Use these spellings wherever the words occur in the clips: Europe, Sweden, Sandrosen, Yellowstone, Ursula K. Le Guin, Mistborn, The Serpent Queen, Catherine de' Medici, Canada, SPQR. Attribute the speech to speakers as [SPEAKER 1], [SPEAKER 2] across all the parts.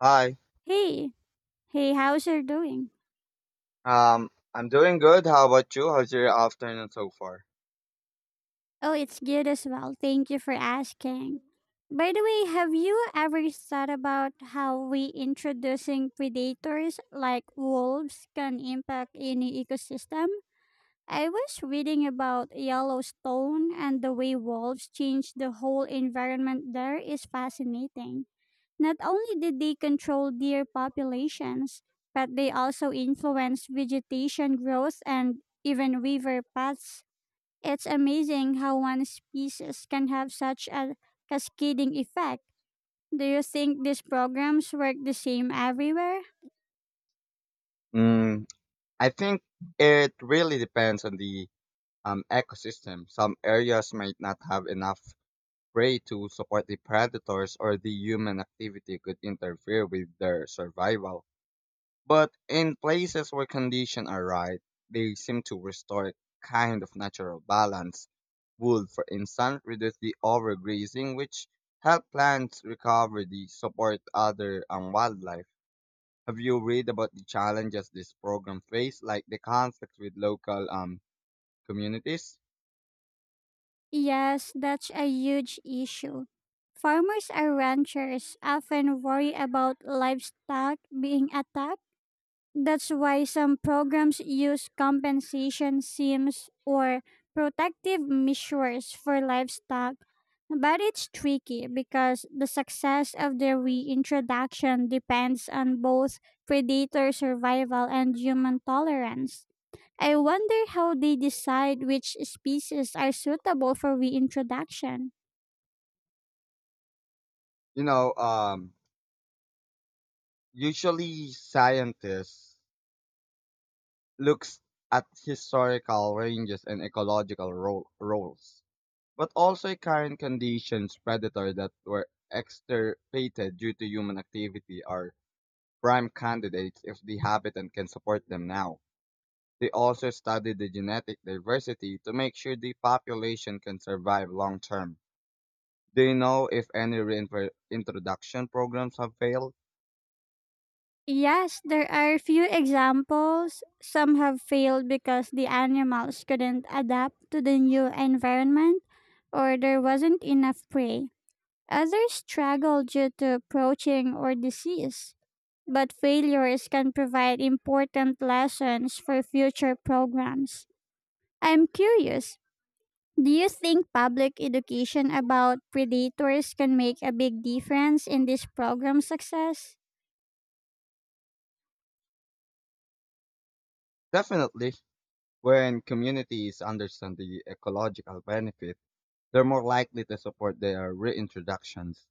[SPEAKER 1] Hi.
[SPEAKER 2] Hey, hey, how's you doing?
[SPEAKER 1] I'm doing good. How about you? How's your afternoon so far?
[SPEAKER 2] Oh, it's good as well. Thank you for asking. By the way, have you ever thought about how we introducing predators like wolves can impact any ecosystem? I was reading about Yellowstone and the way wolves change the whole environment there is fascinating. Not only did they control deer populations, but they also influence vegetation growth and even river paths. It's amazing how one species can have such a cascading effect. Do you think these programs work the same everywhere?
[SPEAKER 1] Mm, I think it really depends on the ecosystem. Some areas might not have enough prey to support the predators, or the human activity could interfere with their survival. But in places where conditions are right, they seem to restore a kind of natural balance. Wood, for instance, reduces the overgrazing, which help plants recover the support other and wildlife. Have you read about the challenges this program face, like the conflict with local communities?
[SPEAKER 2] Yes, that's a huge issue. Farmers and ranchers often worry about livestock being attacked. That's why some programs use compensation schemes or protective measures for livestock. But it's tricky because the success of their reintroduction depends on both predator survival and human tolerance. I wonder how they decide which species are suitable for reintroduction.
[SPEAKER 1] You know, um, Usually scientists looks at historical ranges and ecological roles, but also a current conditions predator that were extirpated due to human activity are prime candidates if the habitat can support them now. They also study the genetic diversity to make sure the population can survive long term. Do you know if any reintroduction programs have failed?
[SPEAKER 2] Yes, there are few examples. Some have failed because the animals couldn't adapt to the new environment or there wasn't enough prey. Others struggled due to poaching or disease. But failures can provide important lessons for future programs. I'm curious, do you think public education about predators can make a big difference in this program's success?
[SPEAKER 1] Definitely. When communities understand the ecological benefit, they're more likely to support their reintroductions.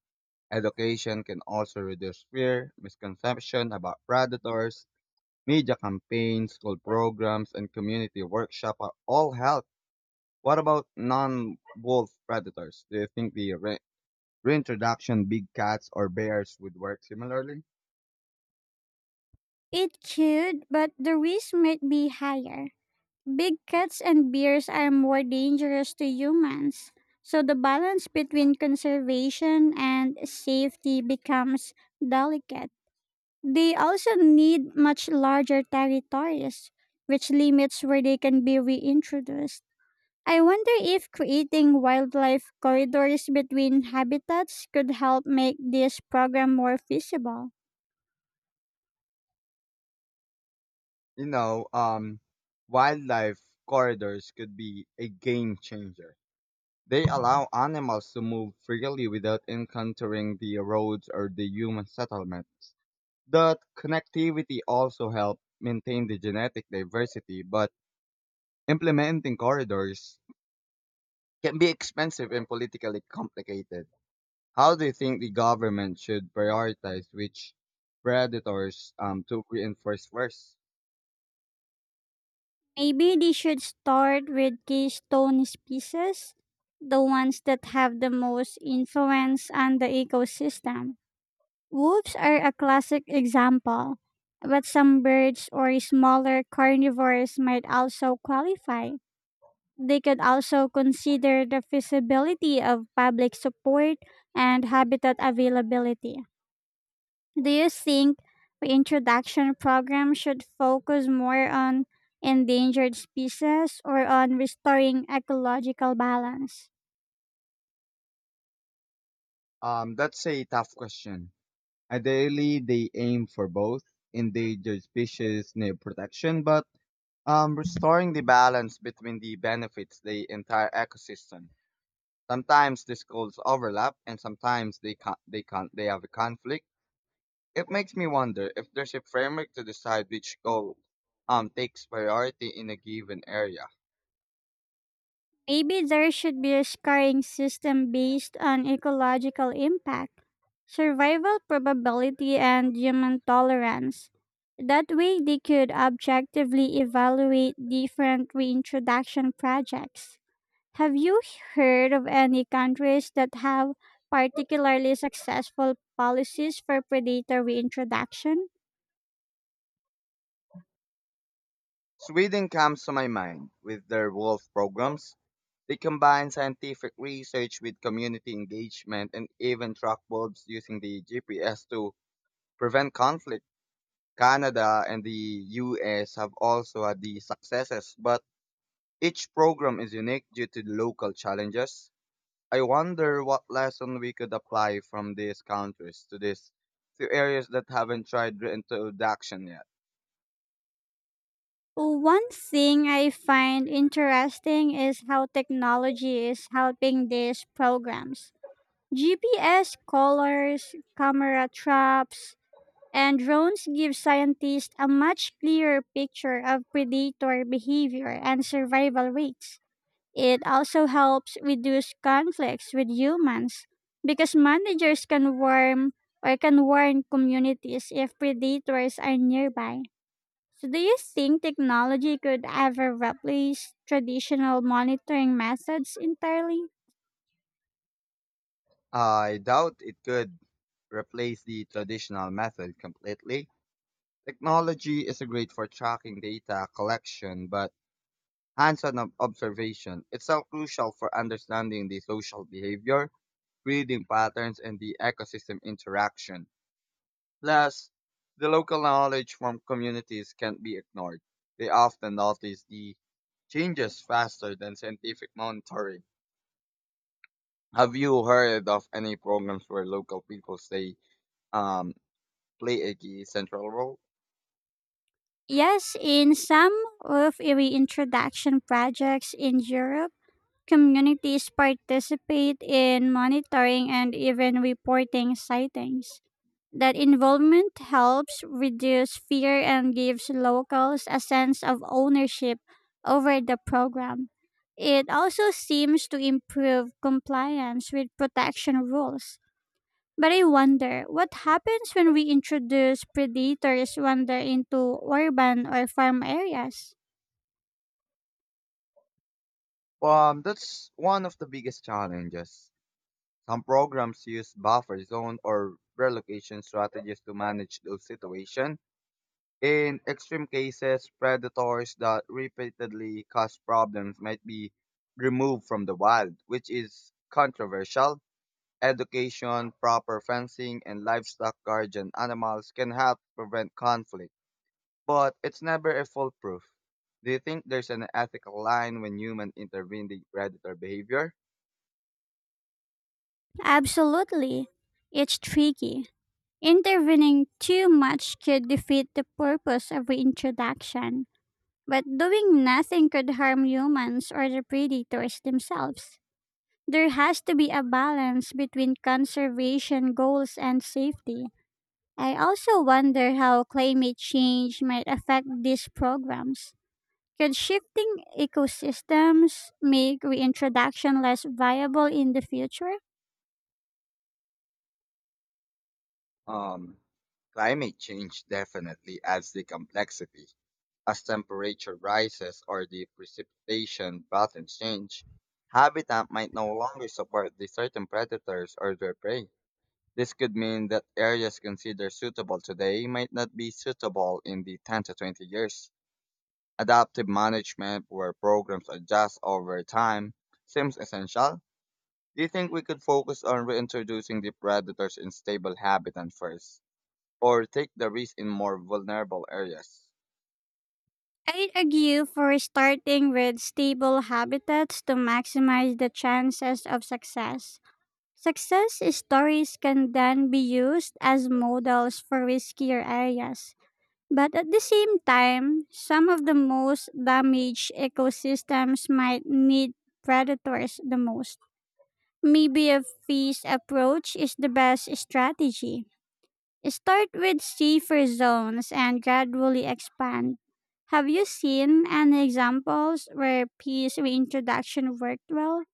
[SPEAKER 1] Education can also reduce fear, misconception about predators, media campaigns, school programs, and community workshop are all help. What about non-wolf predators? Do you think the reintroduction big cats or bears would work similarly?
[SPEAKER 2] It could, but the risk might be higher. Big cats and bears are more dangerous to humans. So the balance between conservation and safety becomes delicate. They also need much larger territories, which limits where they can be reintroduced. I wonder if creating wildlife corridors between habitats could help make this program more feasible.
[SPEAKER 1] You know, um, Wildlife corridors could be a game changer. They allow animals to move freely without encountering the roads or the human settlements. That connectivity also helps maintain the genetic diversity, but implementing corridors can be expensive and politically complicated. How do you think the government should prioritize which predators to reinforce first?
[SPEAKER 2] Maybe they should start with keystone species, the ones that have the most influence on the ecosystem. Wolves are a classic example, but some birds or smaller carnivores might also qualify. They could also consider the feasibility of public support and habitat availability. Do you think reintroduction programs should focus more on endangered species or on restoring ecological balance?
[SPEAKER 1] That's a tough question. Ideally, they aim for both endangered species near protection, but restoring the balance between the benefits the entire ecosystem. Sometimes these goals overlap and sometimes they can they have a conflict. It makes me wonder if there's a framework to decide which goal takes priority in a given area.
[SPEAKER 2] Maybe there should be a scoring system based on ecological impact, survival probability, and human tolerance. That way, they could objectively evaluate different reintroduction projects. Have you heard of any countries that have particularly successful policies for predator reintroduction?
[SPEAKER 1] Sweden comes to my mind with their wolf programs. They combine scientific research with community engagement and even track wolves using the GPS to prevent conflict. Canada and the US have also had these successes, but each program is unique due to local challenges. I wonder what lesson we could apply from these countries to these to areas that haven't tried reintroduction yet.
[SPEAKER 2] One thing I find interesting is how technology is helping these programs. GPS collars, camera traps, and drones give scientists a much clearer picture of predator behavior and survival rates. It also helps reduce conflicts with humans because managers can warn or can warn communities if predators are nearby. So do you think technology could ever replace traditional monitoring methods entirely?
[SPEAKER 1] I doubt it could replace the traditional method completely. Technology is great for tracking data collection, but hands-on observation is so crucial for understanding the social behavior, breeding patterns, and the ecosystem interaction. Last, the local knowledge from communities can't be ignored. They often notice the changes faster than scientific monitoring. Have you heard of any programs where local people stay um, play a key central role?
[SPEAKER 2] Yes, in some of the reintroduction projects in Europe, communities participate in monitoring and even reporting sightings. That involvement helps reduce fear and gives locals a sense of ownership over the program. It also seems to improve compliance with protection rules. But I wonder what happens when we introduce predators wander into urban or farm areas?
[SPEAKER 1] That's one of the biggest challenges. Some programs use buffer zone or relocation strategies to manage those situations. In extreme cases, predators that repeatedly cause problems might be removed from the wild, which is controversial. Education, proper fencing, and livestock guardian animals can help prevent conflict, but it's never a foolproof. Do you think there's an ethical line when humans intervene in predator behavior?
[SPEAKER 2] Absolutely. It's tricky. Intervening too much could defeat the purpose of reintroduction. But doing nothing could harm humans or the predators themselves. There has to be a balance between conservation goals and safety. I also wonder how climate change might affect these programs. Could shifting ecosystems make reintroduction less viable in the future?
[SPEAKER 1] Um, Climate change definitely adds the complexity. As temperature rises or the precipitation patterns change, habitat might no longer support the certain predators or their prey. This could mean that areas considered suitable today might not be suitable in the 10 to 20 years. Adaptive management, where programs adjust over time, seems essential. Do you think we could focus on reintroducing the predators in stable habitat first, or take the risk in more vulnerable areas?
[SPEAKER 2] I'd argue for starting with stable habitats to maximize the chances of success. Success stories can then be used as models for riskier areas. But at the same time, some of the most damaged ecosystems might need predators the most. Maybe a phased approach is the best strategy. Start with safer zones and gradually expand. Have you seen any examples where peace reintroduction worked well?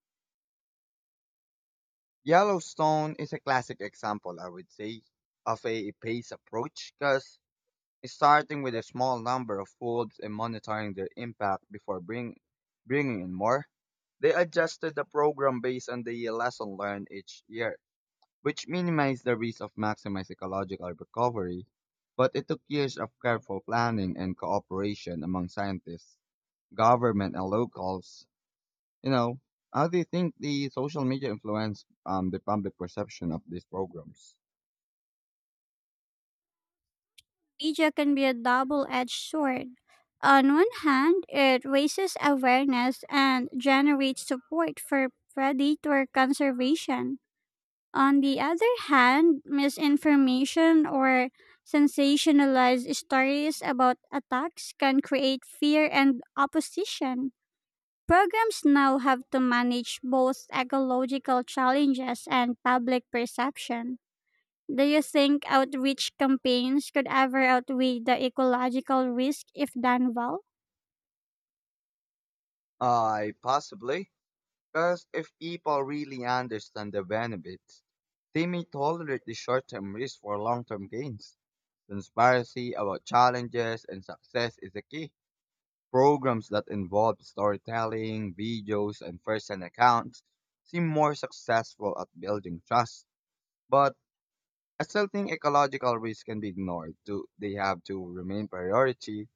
[SPEAKER 1] Yellowstone is a classic example, I would say, of a phased approach because starting with a small number of wolves and monitoring their impact before bringing in more, they adjusted the program based on the lesson learned each year, which minimized the risk of maximized ecological recovery. But it took years of careful planning and cooperation among scientists, government, and locals. you know, how do you think the social media influence the public perception of these programs?
[SPEAKER 2] Media can be a double edged sword. On one hand, it raises awareness and generates support for predator conservation. On the other hand, misinformation or sensationalized stories about attacks can create fear and opposition. Programs now have to manage both ecological challenges and public perception. Do you think outreach campaigns could ever outweigh the ecological risk if done well?
[SPEAKER 1] I possibly, because if people really understand the benefits, they may tolerate the short-term risk for long-term gains. Transparency about challenges and success is the key. Programs that involve storytelling, videos, and first-hand accounts seem more successful at building trust. But I still think ecological risks can be ignored. Do they have to remain priority?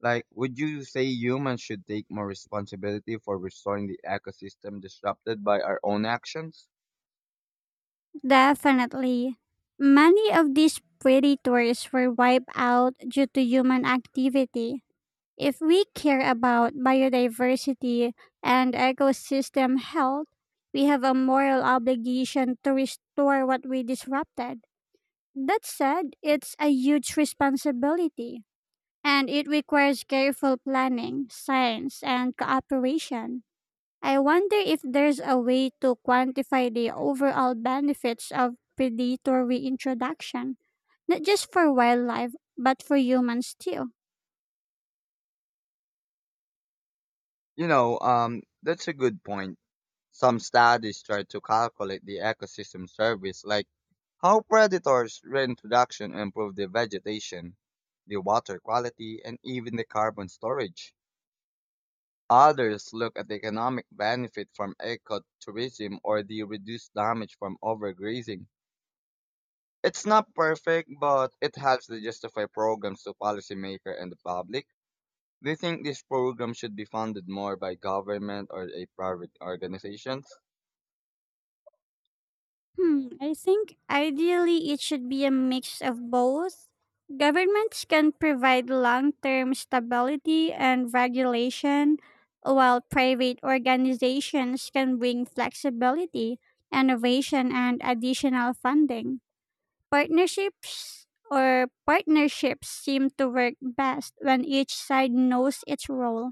[SPEAKER 1] Like, would you say humans should take more responsibility for restoring the ecosystem disrupted by our own actions?
[SPEAKER 2] Definitely. Many of these predators were wiped out due to human activity. If we care about biodiversity and ecosystem health, we have a moral obligation to restore what we disrupted. That said, it's a huge responsibility, and it requires careful planning, science, and cooperation. I wonder if there's a way to quantify the overall benefits of predator reintroduction, not just for wildlife, but for humans too.
[SPEAKER 1] That's a good point. Some studies try to calculate the ecosystem service, like how predators, reintroduction improve the vegetation, the water quality, and even the carbon storage. Others look at the economic benefit from ecotourism or the reduced damage from overgrazing. It's not perfect, but it helps to justify programs to policymakers and the public. Do you think this program should be funded more by government or a private organizations?
[SPEAKER 2] Hmm, I think ideally it should be a mix of both. Governments can provide long term stability and regulation, while private organizations can bring flexibility, innovation, and additional funding. Partnerships seem to work best when each side knows its role.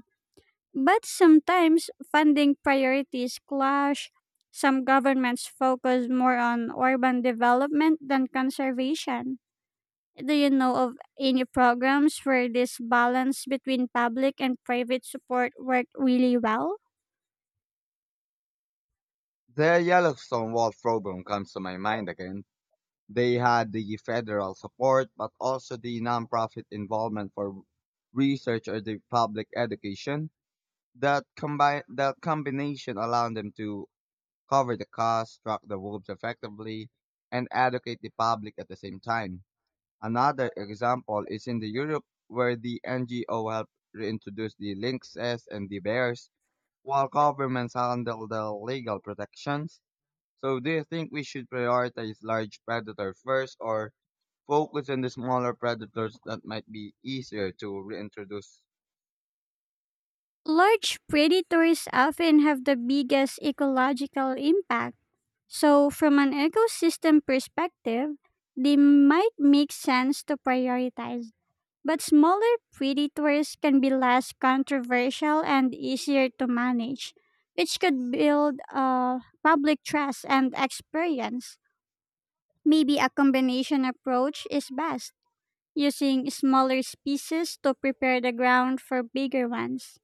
[SPEAKER 2] But sometimes funding priorities clash. Some governments focus more on urban development than conservation. Do you know of any programs where this balance between public and private support worked really well?
[SPEAKER 1] The Yellowstone Wall program comes to my mind again. They had the federal support, but also the nonprofit involvement for research or the public education. That combination allowed them to cover the cost, track the wolves effectively, and educate the public at the same time. Another example is in the Europe where the NGO helped reintroduce the lynxes and the bears, while governments handle the legal protections. So do you think we should prioritize large predators first or focus on the smaller predators that might be easier to reintroduce?
[SPEAKER 2] Large predators often have the biggest ecological impact. So, from an ecosystem perspective, they might make sense to prioritize. But smaller predators can be less controversial and easier to manage, which could build public trust and experience. Maybe a combination approach is best, using smaller species to prepare the ground for bigger ones.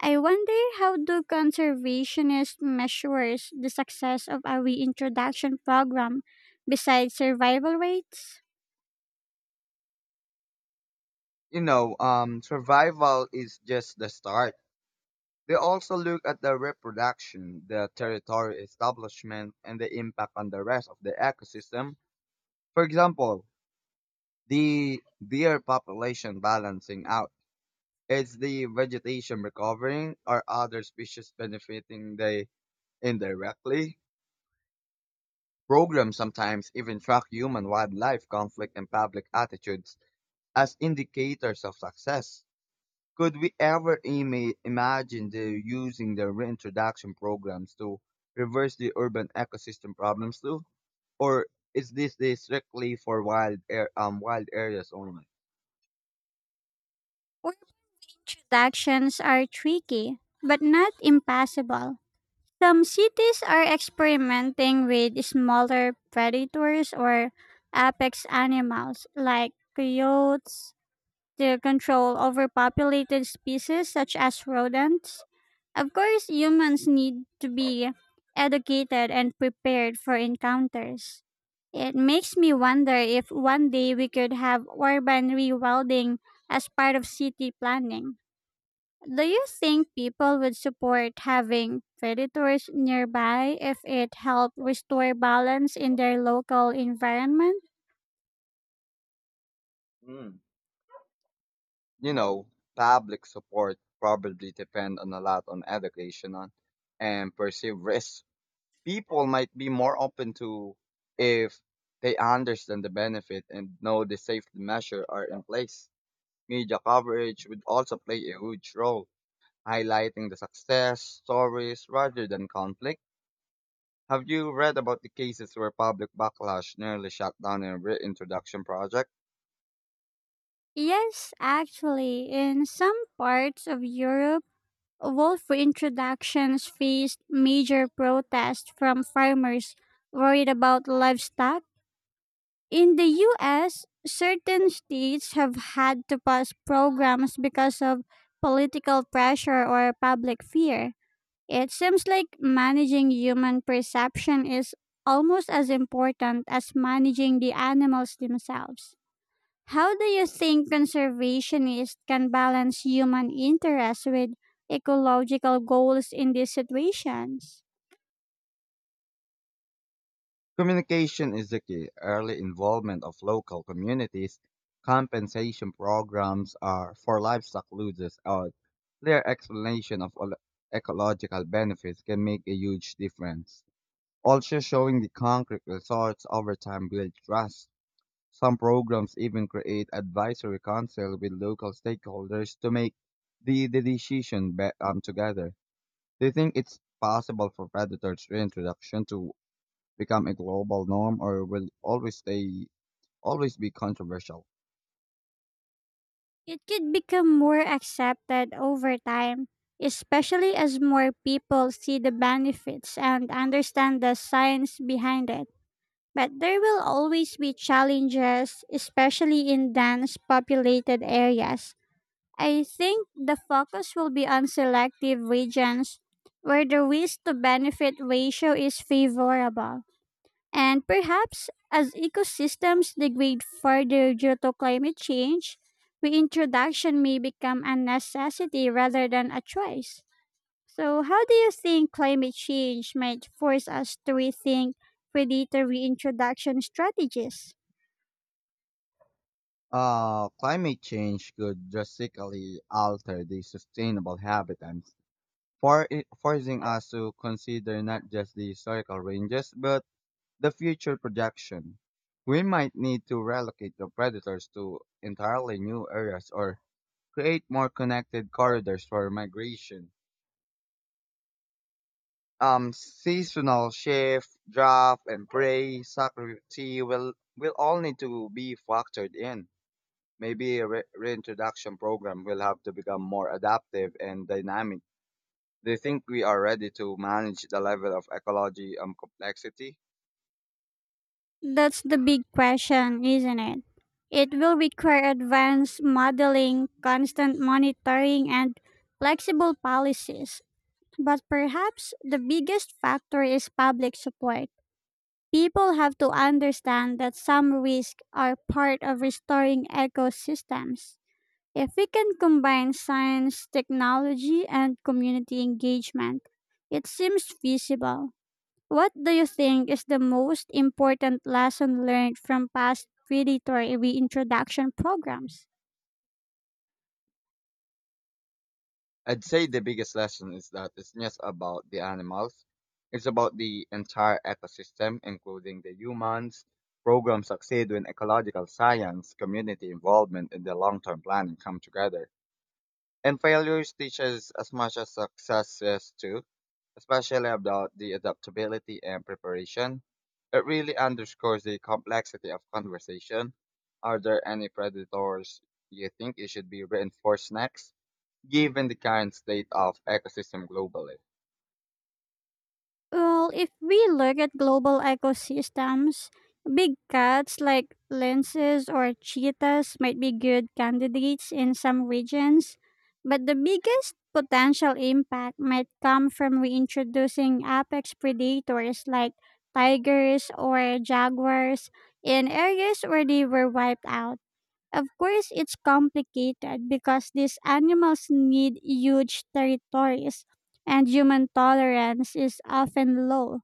[SPEAKER 2] I wonder how do conservationists measures the success of a reintroduction program besides survival rates?
[SPEAKER 1] Survival is just the start. They also look at the reproduction, the territory establishment, and the impact on the rest of the ecosystem. For example, the deer population balancing out. Is the vegetation recovering? Are other species benefiting they indirectly? Programs sometimes even track human wildlife conflict and public attitudes as indicators of success. Could we ever imagine the, using the reintroduction programs to reverse the urban ecosystem problems too? Or is this the strictly for wild areas only?
[SPEAKER 2] Or Introductions are tricky, but not impossible. Some cities are experimenting with smaller predators or apex animals like coyotes to control overpopulated species such as rodents. Of course, humans need to be educated and prepared for encounters. It makes me wonder if one day we could have urban rewilding as part of city planning. Do you think people would support having predators nearby if it helped restore balance in their local environment?
[SPEAKER 1] Hmm. You know, public support probably depend on a lot on education on and perceived risks. People might be more open to if they understand the benefit and know the safety measure are in place. Media coverage would also play a huge role highlighting the success stories rather than conflict. Have you read about the cases where public backlash nearly shut down a reintroduction project?
[SPEAKER 2] Yes, actually, in some parts of Europe, wolf reintroductions faced major protests from farmers worried about livestock. In the US, certain states have had to pass programs because of political pressure or public fear. It seems like managing human perception is almost as important as managing the animals themselves. How do you think conservationists can balance human interests with ecological goals in these situations?
[SPEAKER 1] Communication is the key. Early involvement of local communities, compensation programs are for livestock losses, or clear explanation of ecological benefits can make a huge difference. Also, showing the concrete results over time builds trust. Some programs even create advisory council with local stakeholders to make the decision together. Do you think it's possible for predators reintroduction to become a global norm or will always stay always be controversial?
[SPEAKER 2] It could become more accepted over time, especially as more people see the benefits and understand the science behind it. But there will always be challenges, especially in dense populated areas. I think the focus will be on selective regions where the risk to benefit ratio is favorable. And perhaps as ecosystems degrade further due to climate change, reintroduction may become a necessity rather than a choice. So, how do you think climate change might force us to rethink predator reintroduction strategies?
[SPEAKER 1] Climate change could drastically alter the sustainable habitats, for, forcing us to consider not just the historical ranges but the future projection. We might need to relocate the predators to entirely new areas or create more connected corridors for migration. Seasonal shift, draft, and prey security will all need to be factored in. Maybe a reintroduction program will have to become more adaptive and dynamic. Do you think we are ready to manage the level of ecology complexity?
[SPEAKER 2] That's the big question, isn't it? It will require advanced modeling, constant monitoring, and flexible policies. But perhaps the biggest factor is public support. People have to understand that some risks are part of restoring ecosystems. If we can combine science, technology, and community engagement, it seems feasible. What do you think is the most important lesson learned from past predator reintroduction programs?
[SPEAKER 1] I'd say the biggest lesson is that it's just about the animals. It's about the entire ecosystem, including the humans. Programs succeed when ecological science, community involvement, and the long-term planning come together. And failures teach us as much as successes too, especially about the adaptability and preparation. It really underscores the complexity of conversation. Are there any predators you think it should be reinforced next? Given the current state of ecosystem globally.
[SPEAKER 2] Well, if we look at global ecosystems, big cats like lynxes or cheetahs might be good candidates in some regions, but the biggest potential impact might come from reintroducing apex predators like tigers or jaguars in areas where they were wiped out. Of course, it's complicated because these animals need huge territories and human tolerance is often low.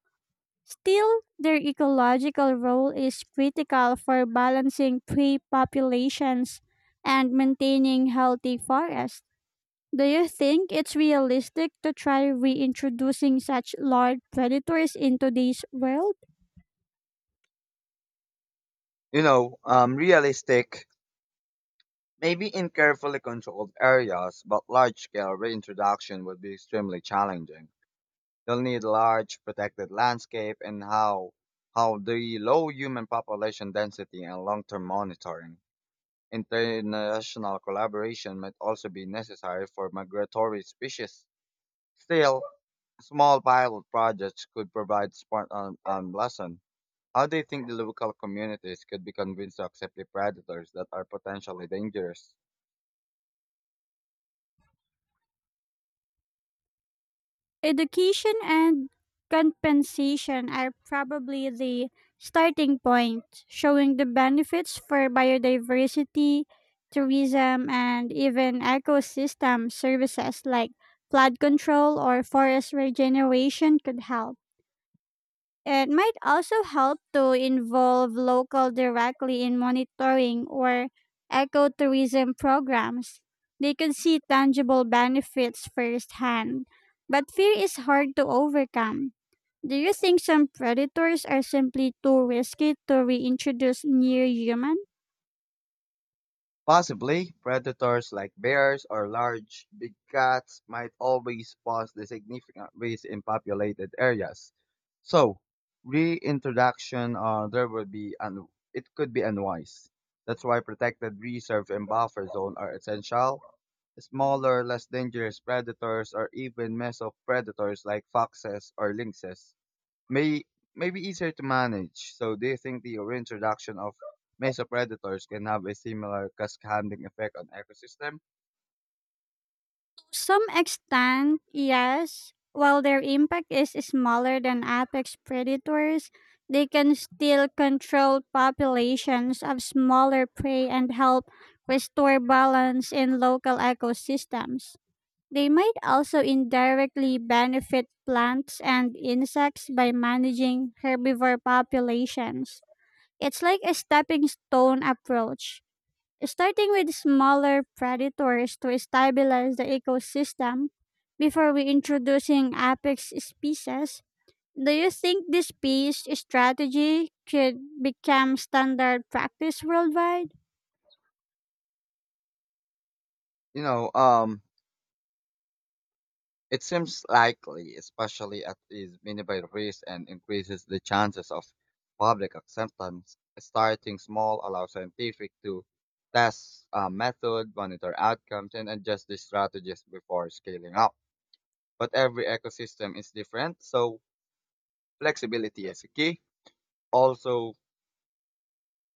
[SPEAKER 2] Still, their ecological role is critical for balancing prey populations and maintaining healthy forests. Do you think it's realistic to try reintroducing such large predators into today's world?
[SPEAKER 1] Realistic, maybe in carefully controlled areas, but large-scale reintroduction would be extremely challenging. You'll need large protected landscape and how the low human population density and long-term monitoring. International collaboration might also be necessary for migratory species. Still, small pilot projects could provide smart lesson. How do you think the local communities could be convinced to accept the predators that are potentially dangerous?
[SPEAKER 2] Education and compensation are probably the starting point. Showing the benefits for biodiversity, tourism, and even ecosystem services like flood control or forest regeneration could help. It might also help to involve local directly in monitoring or ecotourism programs. They could see tangible benefits firsthand, but fear is hard to overcome. Do you think some predators are simply too risky to reintroduce near human?
[SPEAKER 1] Possibly, predators like bears or large big cats might always pose the significant risk in populated areas. So, reintroduction there would be it could be unwise. That's why protected reserve and buffer zone are essential. Smaller, less dangerous predators or even mesopredators like foxes or lynxes may may be easier to manage. So, do you think the reintroduction of mesopredators can have a similar cascading effect on ecosystem?
[SPEAKER 2] Some extent, yes. While their impact is smaller than apex predators, they can still control populations of smaller prey and help restore balance in local ecosystems. They might also indirectly benefit plants and insects by managing herbivore populations. It's like a stepping stone approach. Starting with smaller predators to stabilize the ecosystem before we introducing apex species. Do you think this peace strategy could become standard practice worldwide?
[SPEAKER 1] You know, um, it seems likely, especially at is minimal risk and increases the chances of public acceptance. Starting small allows scientific to test method, monitor outcomes, and adjust the strategies before scaling up. But every ecosystem is different, so flexibility is key. Also,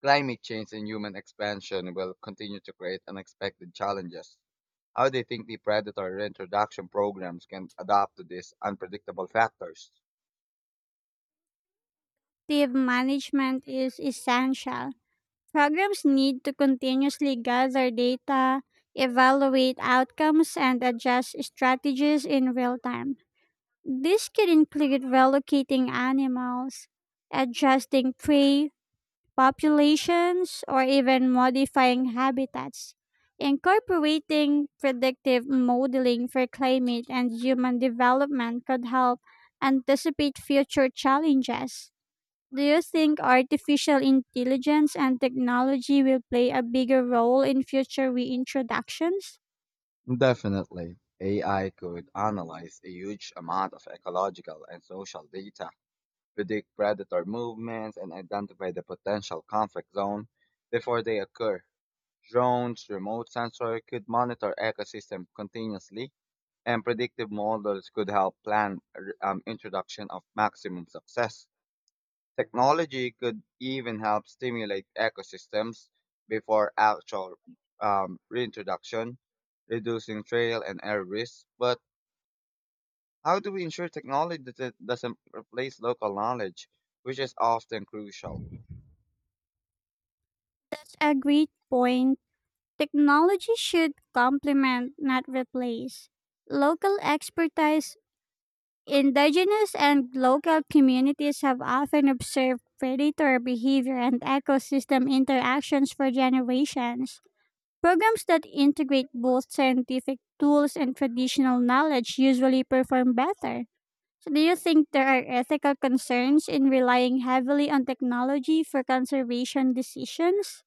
[SPEAKER 1] climate change and human expansion will continue to create unexpected challenges. How do you think the predator reintroduction programs can adapt to these unpredictable factors?
[SPEAKER 2] Active management is essential. Programs need to continuously gather data, evaluate outcomes, and adjust strategies in real time. This could include relocating animals, adjusting prey populations, or even modifying habitats. Incorporating predictive modeling for climate and human development could help anticipate future challenges. Do you think artificial intelligence and technology will play a bigger role in future reintroductions?
[SPEAKER 1] Definitely. AI could analyze a huge amount of ecological and social data, predict predator movements, and identify the potential conflict zone before they occur. Drones, remote sensor could monitor ecosystem continuously and predictive models could help plan introduction of maximum success. Technology could even help stimulate ecosystems before actual reintroduction, reducing trail and error risks. But how do we ensure technology doesn't replace local knowledge, which is often crucial?
[SPEAKER 2] It's a great point. Technology should complement, not replace, local expertise. Indigenous and local communities have often observed predator behavior and ecosystem interactions for generations. Programs that integrate both scientific tools and traditional knowledge usually perform better. So, do you think there are ethical concerns in relying heavily on technology for conservation decisions?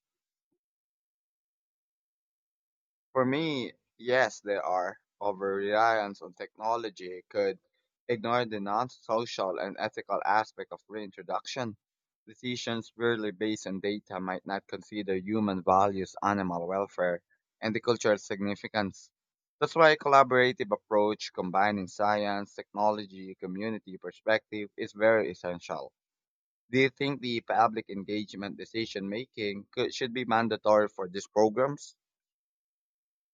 [SPEAKER 1] For me, yes, there are. Over reliance on technology could ignore the non social and ethical aspect of reintroduction. Decisions purely based on data might not consider human values, animal welfare, and the cultural significance. That's why a collaborative approach combining science, technology, community perspective is very essential. Do you think the public engagement decision making could, should be mandatory for these programs?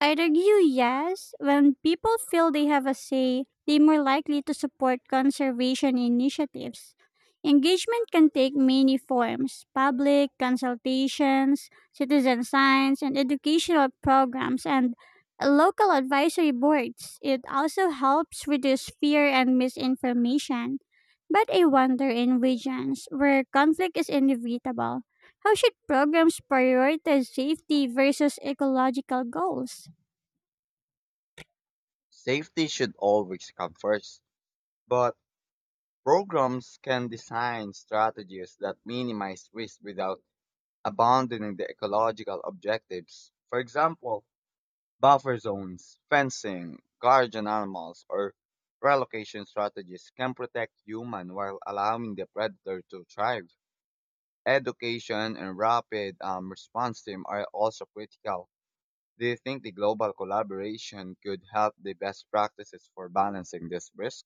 [SPEAKER 2] I'd argue yes. When people feel they have a say, they're more likely to support conservation initiatives. Engagement can take many forms: public consultations, citizen science, and educational programs, and local advisory boards. It also helps reduce fear and misinformation. But I wonder in regions where conflict is inevitable, how should programs prioritize safety versus ecological goals?
[SPEAKER 1] Safety should always come first, but programs can design strategies that minimize risk without abandoning the ecological objectives. For example, buffer zones, fencing, guardian animals, or relocation strategies can protect human while allowing the predator to thrive. Education and rapid response team are also critical. Do you think the global collaboration could help the best practices for balancing this risk?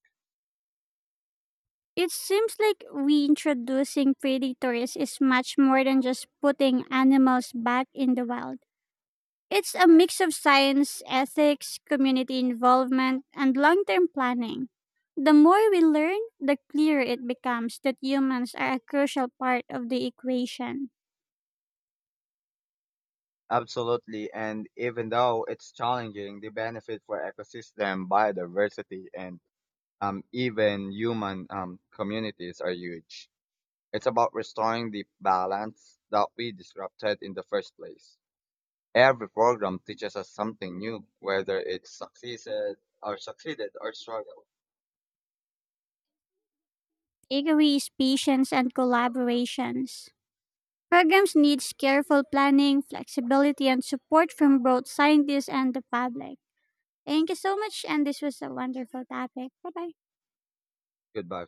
[SPEAKER 2] It seems like reintroducing predators is much more than just putting animals back in the wild. It's a mix of science, ethics, community involvement, and long term planning. The more we learn, the clearer it becomes that humans are a crucial part of the equation.
[SPEAKER 1] Absolutely, and even though it's challenging, the benefit for ecosystem, biodiversity, and even human communities are huge. It's about restoring the balance that we disrupted in the first place. Every program teaches us something new, whether it's succeeded or succeeded or struggled.
[SPEAKER 2] Takeaway is patience and collaborations. Programs need careful planning, flexibility, and support from both scientists and the public. Thank you so much. And this was a wonderful topic. Bye bye.
[SPEAKER 1] Goodbye.